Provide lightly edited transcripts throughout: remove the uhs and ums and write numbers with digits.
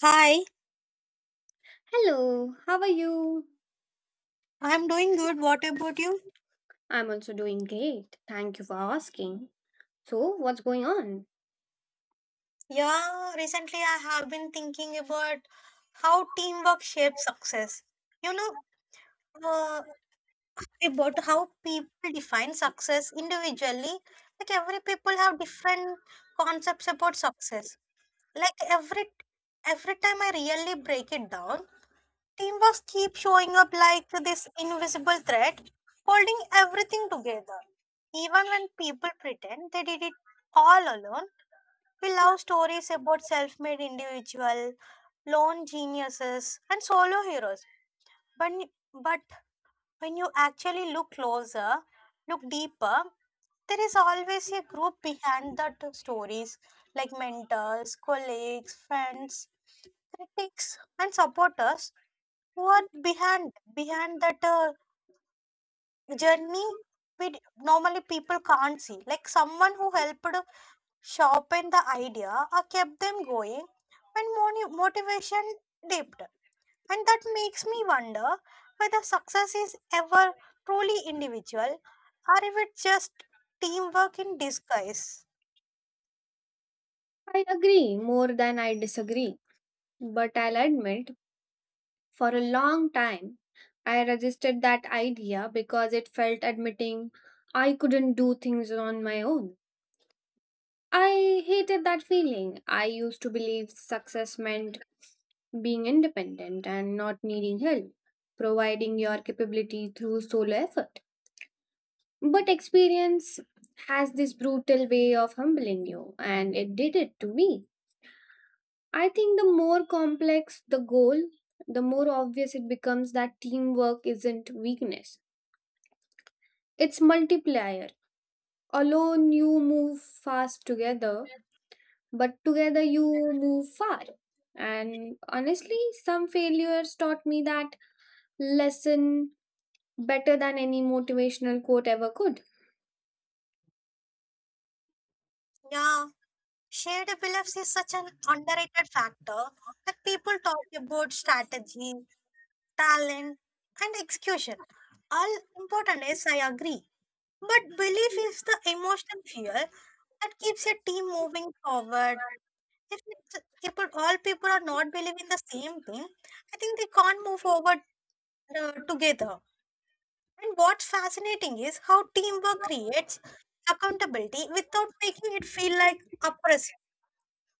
Hi, Hello, how are you? I'm doing good. What about you? I'm also doing great. Thank you for asking. So, what's going on? Yeah, recently I have been thinking about how teamwork shapes success. You know, uh, about how people define success individually. Like every people have different concepts about success. Like every time I really break it down, teamwork keeps showing up like this invisible thread, holding everything together. Even when people pretend they did it all alone. We love stories about self made individual, lone geniuses, and solo heroes. But, but when you actually look closer, look deeper, there is always a group behind the stories like mentors, colleagues, friends, critics, and supporters who are behind that journey we normally people can't see, like someone who helped shop the idea or kept them going when motivation dipped. And that makes me wonder whether success is ever truly individual or if it's just teamwork in disguise. I agree more than I disagree. But I'll admit, for a long time, I resisted that idea because it felt admitting I couldn't do things on my own. I hated that feeling. I used to believe success meant being independent and not needing help, providing your capability through solo effort. But experience has this brutal way of humbling you, and it did it to me. I think the more complex the goal, the more obvious it becomes that teamwork isn't weakness, it's multiplier. Alone, you move fast together, but together you move far. And honestly, some failures taught me that lesson better than any motivational quote ever could. Yeah, shared beliefs is such an underrated factor. Like people talk about strategy, talent, and execution. All important is I agree. But belief is the emotional fuel that keeps a team moving forward. If it's, people, all people are not believing the same thing, I think they can't move forward together. And what's fascinating is how teamwork creates accountability without making it feel like oppressive.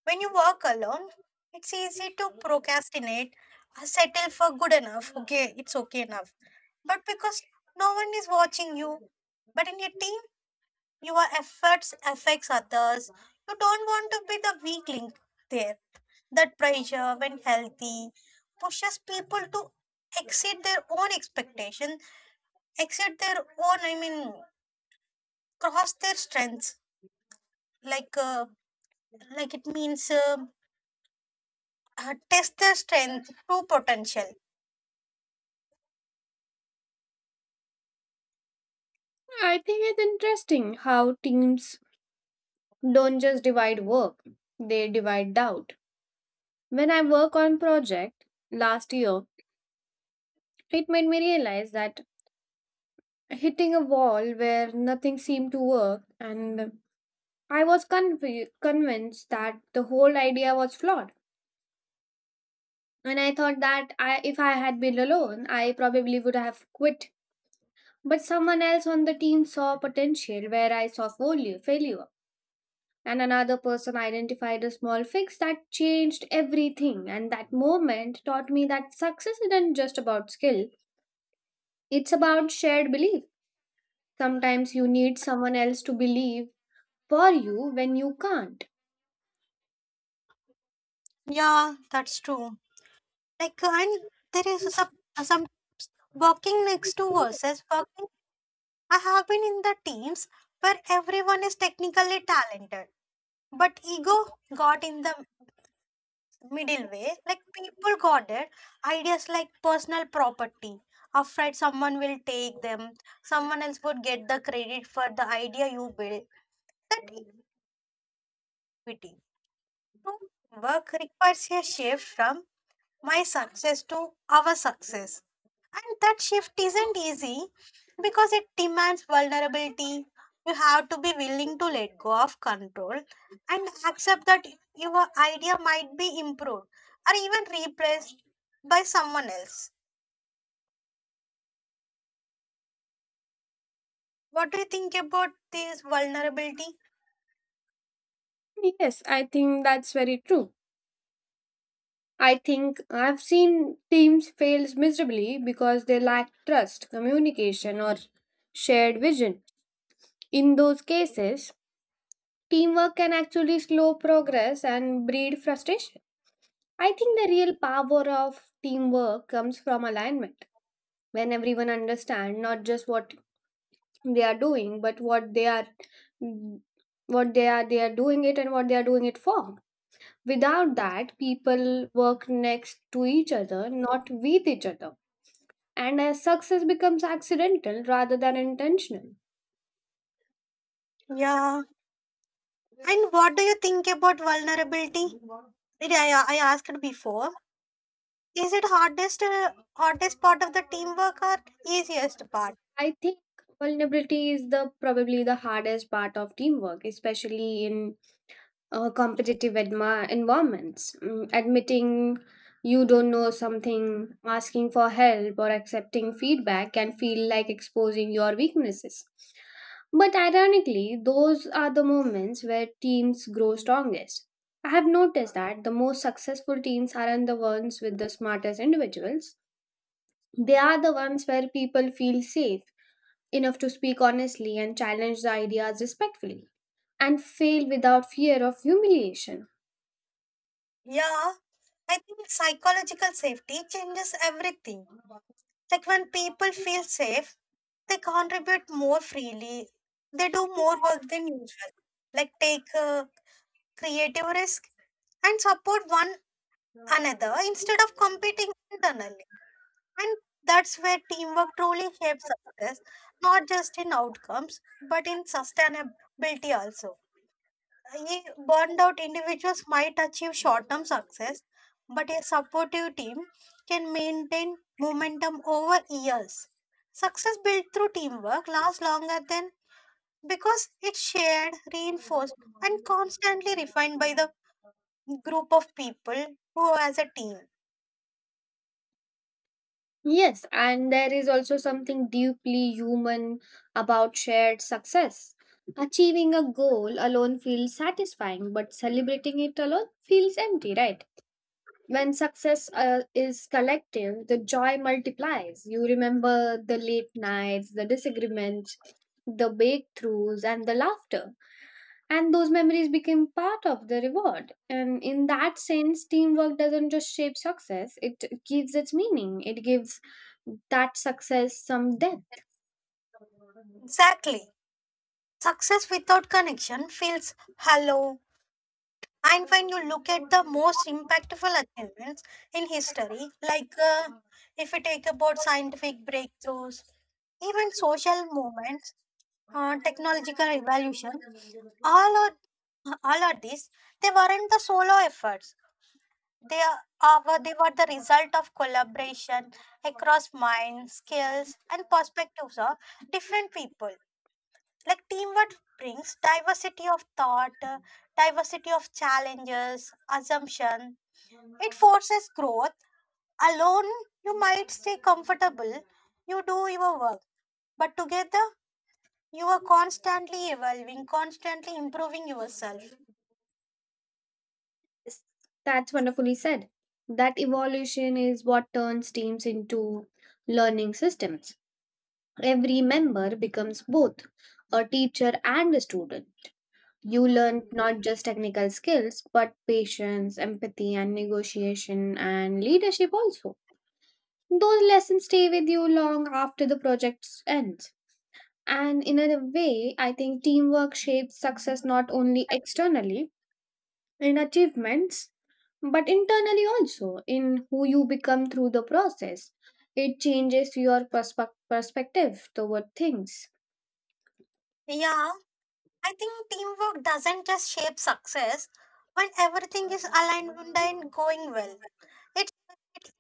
When you work alone, it's easy to procrastinate, settle for good enough. Okay, it's okay enough. But because no one is watching you, but in a team your efforts affects others. You don't want to be the weak link there. That pressure, when healthy, pushes people to exceed their own expectation, exceed their own. Cross their strengths. Like, uh, like it means test their strength, true potential. I think it's interesting how teams don't just divide work, they divide doubt. When I work on project last year, it made me realize that hitting a wall where nothing seemed to work, and I was convinced that the whole idea was flawed. And I thought that, I if I had been alone, I probably would have quit. But someone else on the team saw potential where I saw failure. And another person identified a small fix that changed everything. And that moment taught me that success isn't just about skill, it's about shared belief. Sometimes you need someone else to believe for you when you can't. Yeah, that's true. And there is some working next to versus working. I have been in the teams where everyone is technically talented, but ego got in the middle way. Like people got it. Ideas like personal property, afraid someone will take them, someone else would get the credit for the idea you build. That equity. So work requires a shift from my success to our success. And that shift isn't easy because it demands vulnerability. You have to be willing to let go of control and accept that your idea might be improved or even replaced by someone else. What do you think about this vulnerability? Yes, I think that's very true. I think I've seen teams fail miserably because they lack trust, communication, or shared vision. In those cases, teamwork can actually slow progress and breed frustration. I think the real power of teamwork comes from alignment. When everyone understands not just what they are doing, but what they are doing it, and what they are doing it for. Without that, people work next to each other, not with each other. And as success becomes accidental rather than intentional. Yeah. And what do you think about vulnerability? I asked before. Is it hardest hardest part of the teamwork or easiest Yes, part? I think vulnerability is the probably the hardest part of teamwork, especially in competitive environments. Admitting you don't know something, asking for help, or accepting feedback can feel like exposing your weaknesses. But ironically, those are the moments where teams grow strongest. I have noticed that the most successful teams aren't the ones with the smartest individuals. They are the ones where people feel safe enough to speak honestly and challenge the ideas respectfully and fail without fear of humiliation. Yeah, I think psychological safety changes everything. Like when people feel safe, they contribute more freely. They do more work than usual, like take a creative risk and support one another instead of competing internally. And that's where teamwork truly shapes success, not just in outcomes, but in sustainability also. Ye burned out individuals might achieve short term success, but a supportive team can maintain momentum over years. Success built through teamwork lasts longer than because it's shared, reinforced, and constantly refined by the group of people who are as a team. Yes, and there is also something deeply human about shared success. Achieving a goal alone feels satisfying, but celebrating it alone feels empty, right? When success is collective, the joy multiplies. You remember the late nights, the disagreements, the breakthroughs, and the laughter, and those memories became part of the reward. And in that sense, teamwork doesn't just shape success, it gives its meaning. It gives that success some depth. Exactly. Success without connection feels hollow. And when you look at the most impactful achievements in history, if we take about scientific breakthroughs, even social movements, technological revolution, all of all of these, they weren't the solo efforts. They are, they were the result of collaboration across minds, skills, and perspectives of different people. Like teamwork brings diversity of thought, diversity of challenges, assumption, it forces growth. Alone, you might stay comfortable, you do your work, but together, you are constantly evolving, constantly improving yourself. That's wonderfully said. That evolution is what turns teams into learning systems. Every member becomes both a teacher and a student. You learn not just technical skills but patience, empathy, and negotiation, and leadership also. Those lessons stay with you long after the project ends. And in a way, I think teamwork shapes success not only externally in achievements, but internally also in who you become through the process. It changes your perspective toward things. Yeah, I think teamwork doesn't just shape success when everything is aligned and going well. It's, it's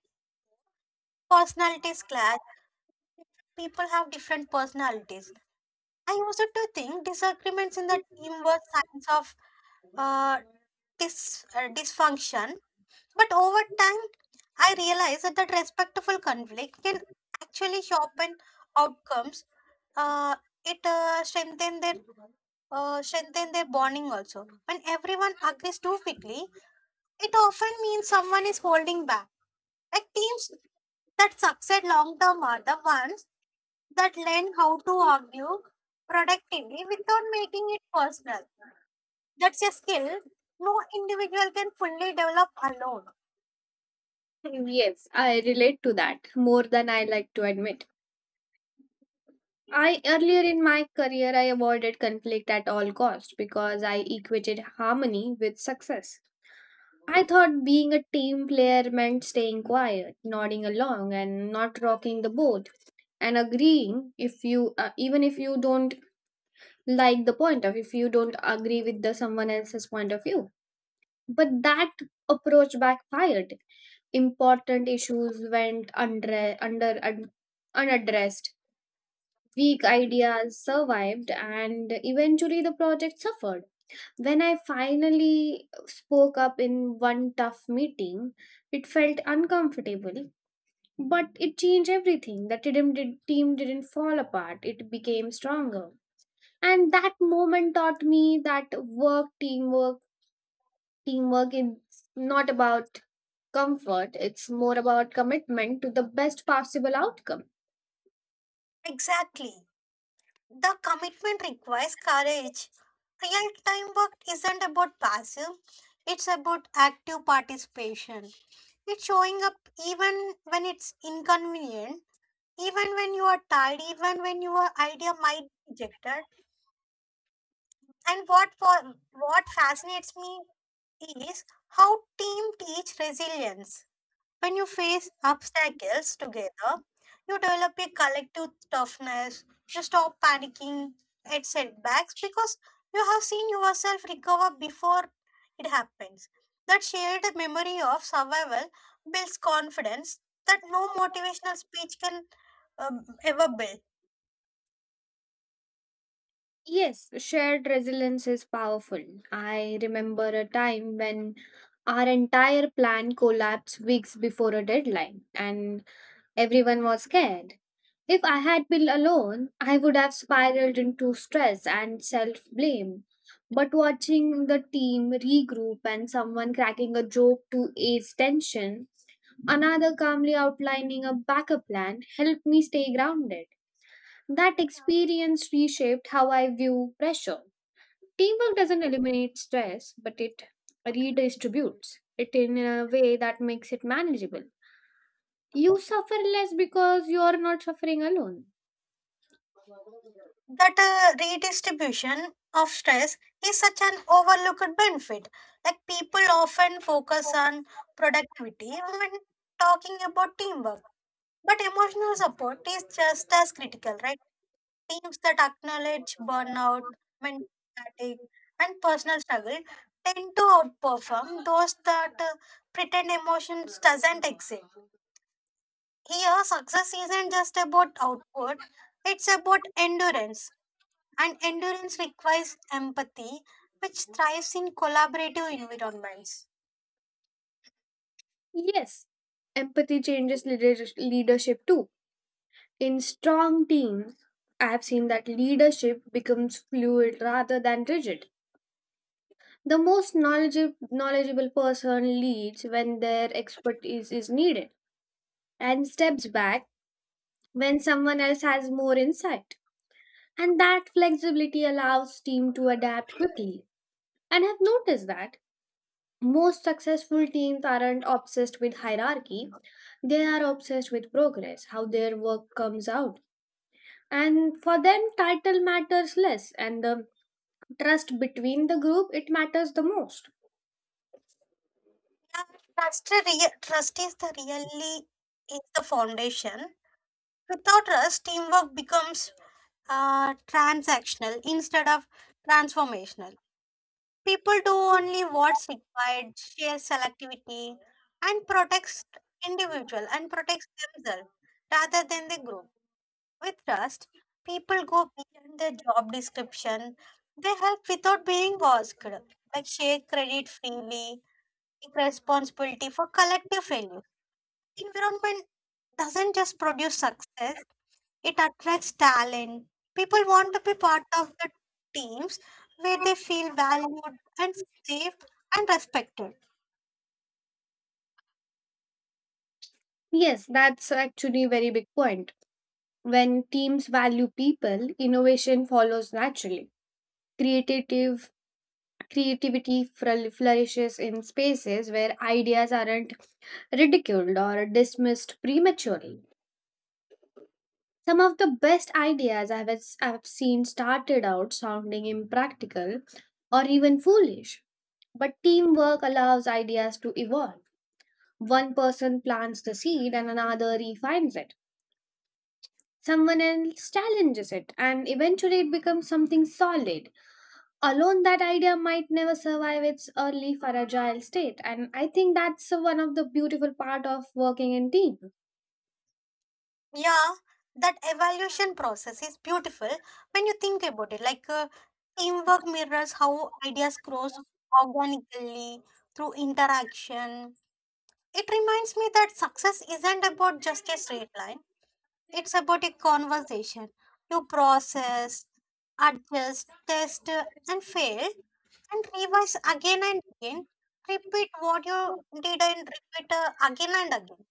personalities clash. People have different personalities. I also to think disagreements in the team were signs of uh, dysfunction. But over time, I realized that that respectful conflict can actually sharpen outcomes. Uh, it strengthen their bonding also. When everyone agrees too quickly, it often means someone is holding back. Like teams that succeed long term are the ones that learn how to argue productively without making it personal. That's a skill no individual can fully develop alone. Yes, I relate to that more than I like to admit. I earlier in my career, I avoided conflict at all cost because I equated harmony with success. I thought being a team player meant staying quiet, nodding along, and not rocking the boat, and agreeing if you, even if you don't like the point of, if you don't agree with the someone else's point of view. But that approach backfired. Important issues went unaddressed. Weak ideas survived, and eventually the project suffered. When I finally spoke up in one tough meeting, it felt uncomfortable, but it changed everything. The team didn't fall apart, it became stronger. And that moment taught me that teamwork is not about comfort, it's more about commitment to the best possible outcome. Exactly. The commitment requires courage. Real time work isn't about passive, it's about active participation. It's showing up even when it's inconvenient, even when you are tired, even when your idea might be rejected. And what fascinates me is how team teach resilience. When you face obstacles together, you develop a collective toughness. You stop panicking at setbacks because you have seen yourself recover before it happens. That shared memory of survival builds confidence that no motivational speech can ever build. Yes, shared resilience is powerful. I remember a time when our entire plan collapsed weeks before a deadline, and everyone was scared. If I had been alone, I would have spiraled into stress and self blame. But watching the team regroup, and someone cracking a joke to ease tension, another calmly outlining a backup plan, helped me stay grounded. That experience reshaped how I view pressure. Teamwork doesn't eliminate stress, but it redistributes it in a way that makes it manageable. You suffer less because you are not suffering alone. That redistribution of stress is such an overlooked benefit. Like people often focus on productivity when talking about teamwork, but emotional support is just as critical, right? Teams that acknowledge burnout, mental fatigue, and personal struggle tend to outperform those that pretend emotions doesn't exist. Here, success isn't just about output; it's about endurance, and endurance requires empathy, which thrives in collaborative environments. Yes, empathy changes leadership too. In strong teams, I have seen that leadership becomes fluid rather than rigid. The most knowledgeable person leads when their expertise is needed, and steps back when someone else has more insight. And that flexibility allows team to adapt quickly. And I've noticed that most successful teams aren't obsessed with hierarchy. They are obsessed with progress, how their work comes out. And for them title matters less, and the trust between the group, it matters the most. Yeah, trust is the really is the foundation. Without trust, teamwork becomes transactional instead of transformational. People do only what's required, share selectivity, and protects individual and protects themselves rather than the group. With trust, people go beyond their job description. They help without being asked, like share credit freely, take responsibility for collective failure. Environment doesn't just produce success, it attracts talent. People want to be part of the teams where they feel valued and safe and respected. Yes, that's actually a very big point. When teams value people, innovation follows naturally. Creative Creativity flourishes in spaces where ideas aren't ridiculed or dismissed prematurely. Some of the best ideas I've seen started out sounding impractical or even foolish, but teamwork allows ideas to evolve. One person plants the seed and another refines it. Someone else challenges it, and eventually it becomes something solid. Alone, that idea might never survive its early fragile state, and I think that's one of the beautiful part of working in team. Yeah, that evaluation process is beautiful when you think about it. Teamwork mirrors how ideas grows organically through interaction. It reminds me that success isn't about just a straight line, it's about a conversation. You process, adjust, test, and fail, and revise again and again. Repeat what you did and repeat again and again.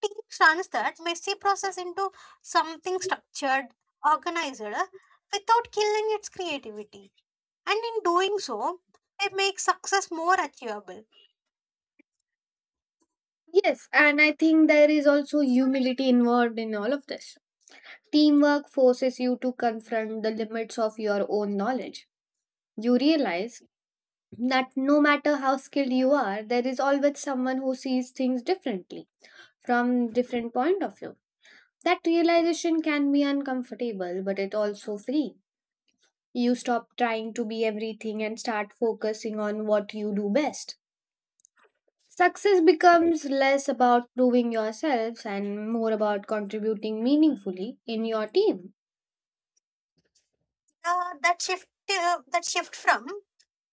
Teach turns that messy process into something structured, organized, without killing its creativity. And in doing so, it makes success more achievable. Yes, and I think there is also humility involved in all of this. Teamwork forces you to confront the limits of your own knowledge. You realize that no matter how skilled you are, there is always someone who sees things differently, from different point of view. That realization can be uncomfortable, but it also free. You stop trying to be everything and start focusing on what you do best. Success becomes less about proving yourself and more about contributing meaningfully in your team. That shift from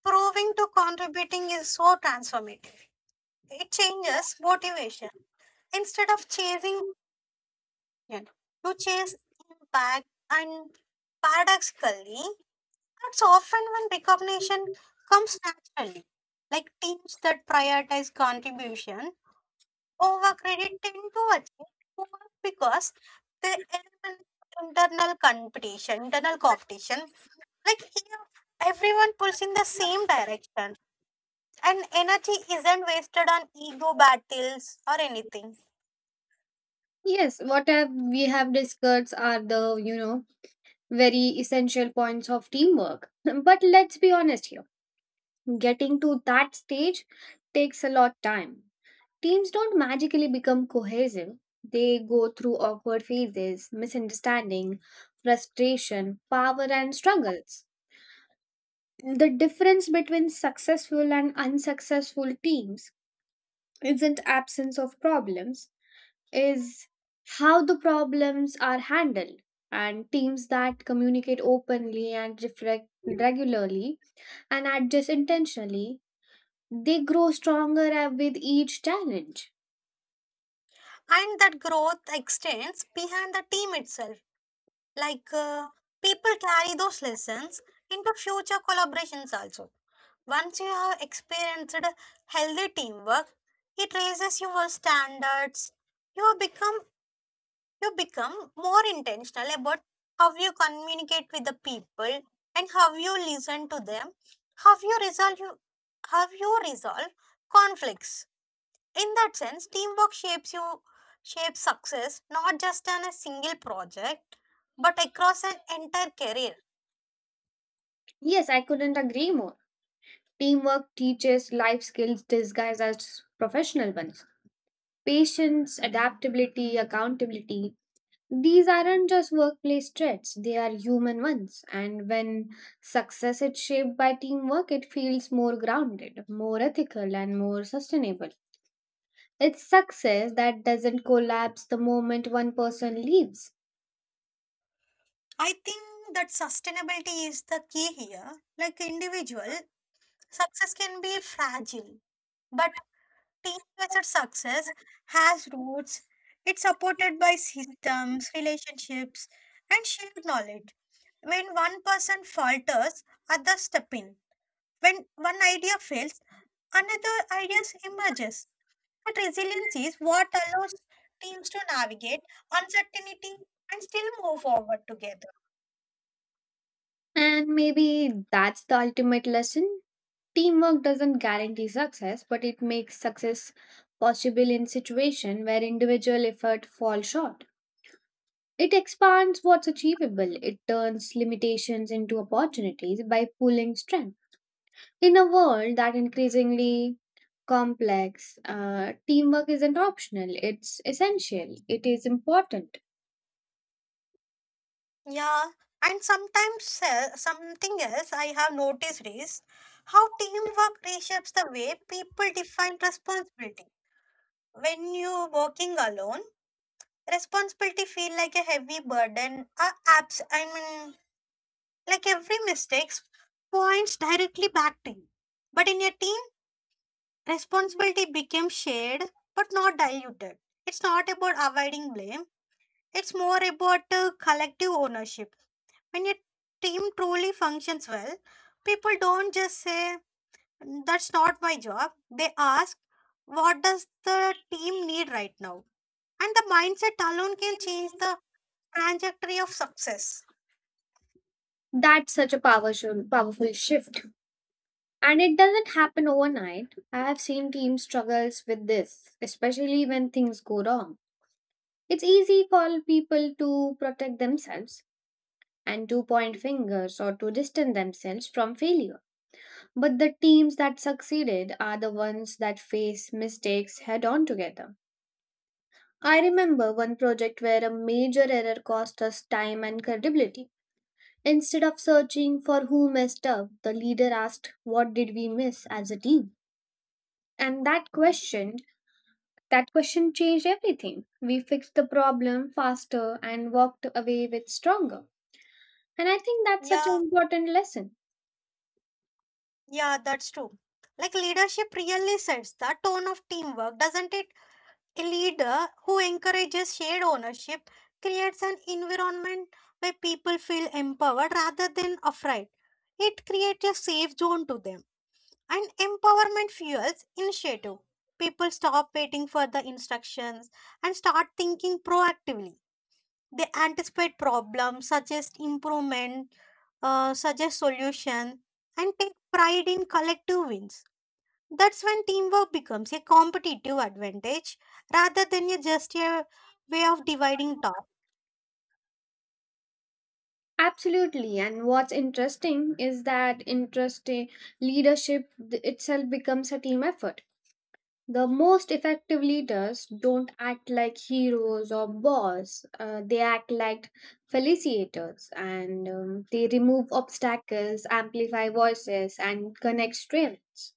proving to contributing is so transformative. It changes motivation. Instead of chasing action, you chase impact, and paradoxically, that's often when recognition comes naturally. Like teams that prioritize contribution over credit tend to achieve more because they eliminate internal competition. Like here, everyone pulls in the same direction, and energy isn't wasted on ego battles or anything. Yes, what have we have discussed are the very essential points of teamwork. But let's be honest here. Getting to that stage takes a lot time. Teams don't magically become cohesive. They go through awkward phases, misunderstanding, frustration, power, and struggles. The difference between successful and unsuccessful teams isn't absence of problems, is how the problems are handled. And teams that communicate openly and reflect regularly and adjust intentionally, they grow stronger with each challenge. And that growth extends beyond the team itself. Like uh, people carry those lessons into future collaborations also. Once you have experienced healthy teamwork, it raises your standards. You become you become more intentional about how you communicate with the people and how you listen to them, how you resolve how you resolve conflicts. In that sense, teamwork shapes you, shapes success not just on a single project but across an entire career. Yes, I couldn't agree more. Teamwork teaches life skills disguised as professional ones. Patience, adaptability, accountability. These aren't just workplace traits, they are human ones. And when success is shaped by teamwork, it feels more grounded, more ethical, and more sustainable. It's success that doesn't collapse the moment one person leaves. I think that sustainability is the key here. Like individual success can be fragile, but team based success has roots. It's supported by systems, relationships, and shared knowledge. When one person falters, others step in. When one idea fails, another idea emerges. But resilience is what allows teams to navigate uncertainty and still move forward together. And maybe that's the ultimate lesson. Teamwork doesn't guarantee success, but it makes success possible in situation where individual effort falls short. It expands what's achievable. It turns limitations into opportunities by pulling strength. In a world that increasingly complex, teamwork isn't optional. It's essential. It is important. Yeah, and sometimes something else I have noticed is how teamwork reshapes the way people define responsibility. When you're working alone, responsibility feel like a heavy burden. Abs- I mean, like every mistake points directly back to you. But in a team, responsibility became shared but not diluted. It's not about avoiding blame, it's more about collective ownership. When a team truly functions well, people don't just say, "That's not my job." They ask, "What does the team need right now?" And the mindset alone can change the trajectory of success. That's such a powerful, powerful shift. And it doesn't happen overnight. I have seen teams struggles with this, especially when things go wrong. It's easy for people to protect themselves and to point fingers or to distance themselves from failure. But the teams that succeeded are the ones that face mistakes head on together. I remember one project where a major error cost us time and credibility. Instead of searching for who messed up, the leader asked, "What did we miss as a team?" And that question changed everything. We fixed the problem faster and walked away with stronger. And I think that's such an Yeah, important lesson. yeah, that's true. Like leadership really sets the tone of teamwork, doesn't it? A leader who encourages shared ownership creates an environment where people feel empowered rather than afraid. It creates a safe zone to them. And empowerment fuels initiative. People stop waiting for the instructions and start thinking proactively. They anticipate problems, suggest improvement, suggest solution, and take pride in collective wins. That's when teamwork becomes a competitive advantage rather than a just a way of dividing tasks. Absolutely. And what's interesting is that leadership itself becomes a team effort. The most effective leaders don't act like heroes or boss. They act like facilitators, and they remove obstacles, amplify voices, and connect strengths.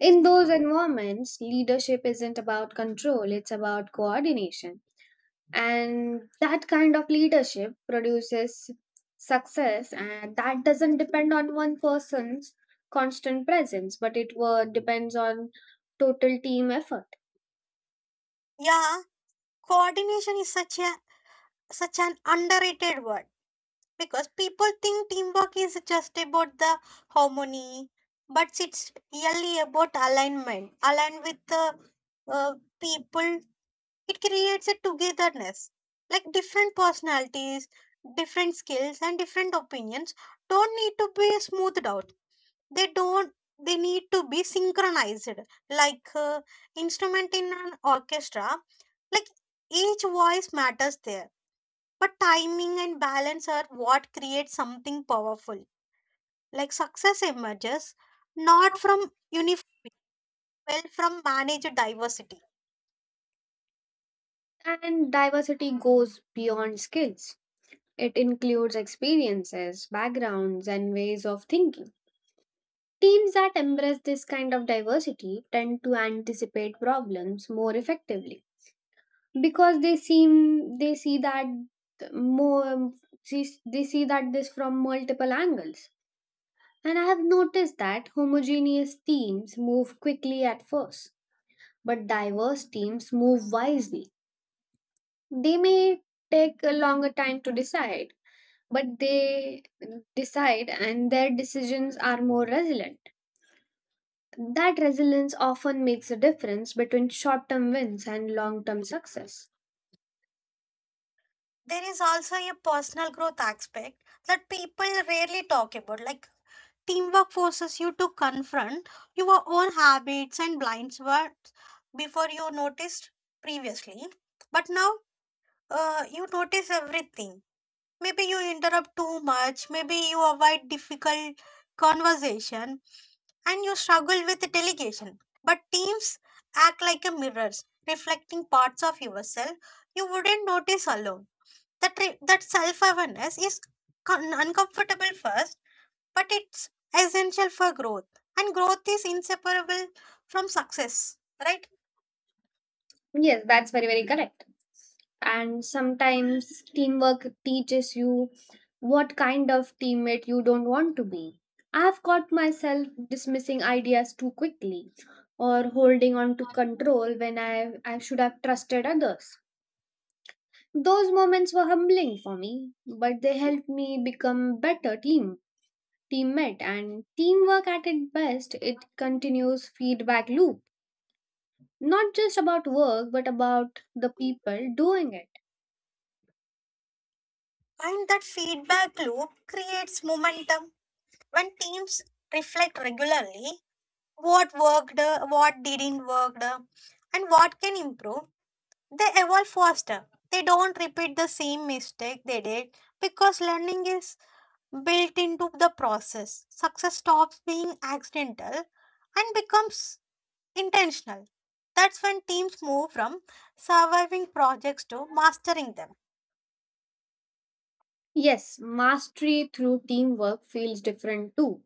In those environments, leadership isn't about control, it's about coordination. And that kind of leadership produces success, and that doesn't depend on one person's constant presence, but it depends on total team effort. Yeah, coordination is such a such an underrated word because people think teamwork is just about the harmony, but it's really about alignment, aligned with the uh, people. It creates a togetherness. Like different personalities, different skills, and different opinions don't need to be smoothed out. They don't, they need to be synchronized, like instrument in an orchestra. Like each voice matters there, but timing and balance are what create something powerful. Like success emerges not from uniform, well, from managed diversity. And diversity goes beyond skills, it includes experiences, backgrounds, and ways of thinking. Teams that embrace this kind of diversity tend to anticipate problems more effectively, because they seem they see that more see, they see that this from multiple angles. And I have noticed that homogeneous teams move quickly at first, but diverse teams move wisely. They may take a longer time to decide, but they decide, and their decisions are more resilient. That resilience often makes a difference between short term wins and long term success. There is also a personal growth aspect that people rarely talk about. Like teamwork forces you to confront your own habits and blind spots before you noticed previously, but now you notice everything. Maybe you interrupt too much, maybe you avoid difficult conversation, and you struggle with delegation. But teams act like a mirrors reflecting parts of yourself you wouldn't notice alone. That self awareness is uncomfortable first, but it's essential for growth, and growth is inseparable from success, right? Yes, that's very very correct. And sometimes teamwork teaches you what kind of teammate you don't want to be. I've caught myself dismissing ideas too quickly or holding on to control when I should have trusted others. Those moments were humbling for me, but they helped me become better teammate. And teamwork at its best, it continues feedback loop, not just about work but about the people doing it. And that feedback loop creates momentum. When teams reflect regularly what worked, what didn't work, and what can improve, they evolve faster. They don't repeat the same mistake they did because learning is built into the process. Success stops being accidental and becomes intentional. That's when teams move from surviving projects to mastering them. Yes, mastery through teamwork feels different too.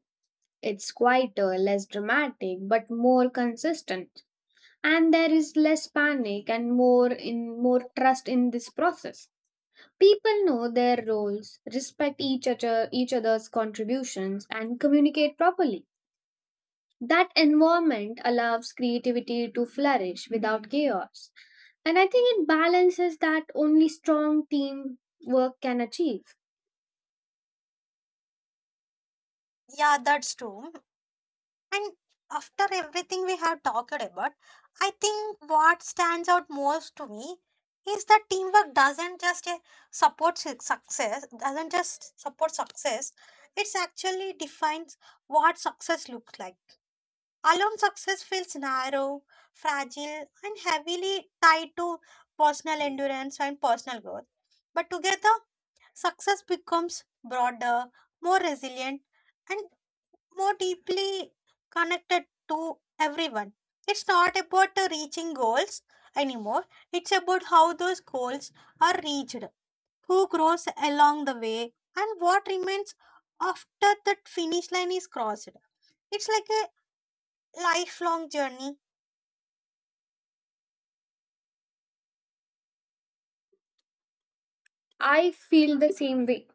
It's quieter, less dramatic, but more consistent. And there is less panic and more trust in this process. People know their roles, respect each other's contributions, and communicate properly. That environment allows creativity to flourish without chaos. And I think it balances that only strong teamwork can achieve. Yeah, that's true. And after everything we have talked about, I think what stands out most to me is that teamwork doesn't just success, doesn't just support success, it's actually defines what success looks like. Alone, success feels narrow, fragile, and heavily tied to personal endurance and personal growth. But together, success becomes broader, more resilient, and more deeply connected to everyone. It's not about reaching goals anymore, it's about how those goals are reached, who grows along the way, and what remains after that finish line is crossed. It's like a lifelong journey. I feel the same way.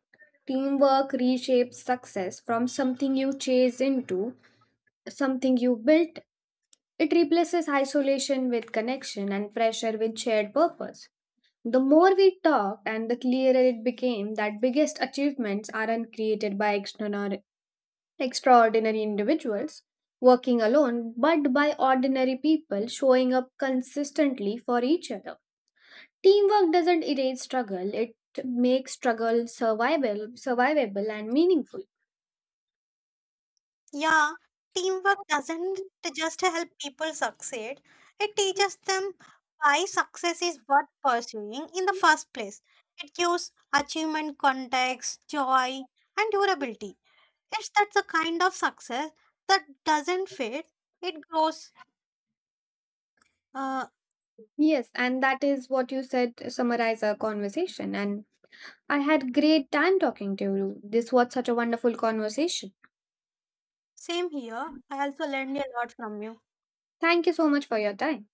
Teamwork reshapes success from something you chase into something you built. It replaces isolation with connection and pressure with shared purpose. The more we talked, and the clearer it became that biggest achievements aren't created by extraordinary individuals working alone, but by ordinary people showing up consistently for each other. Teamwork doesn't erase struggle, it makes struggle survivable and meaningful. Yeah, teamwork doesn't just help people succeed, it teaches them why success is worth pursuing in the first place. It gives achievement context, joy, and durability. It's that's the kind of success that doesn't fade, it grows. Uh, Yes, and that is what you said to summarize our conversation. And I had great time talking to you. This was such a wonderful conversation. Same here. I also learned a lot from you. Thank you so much for your time.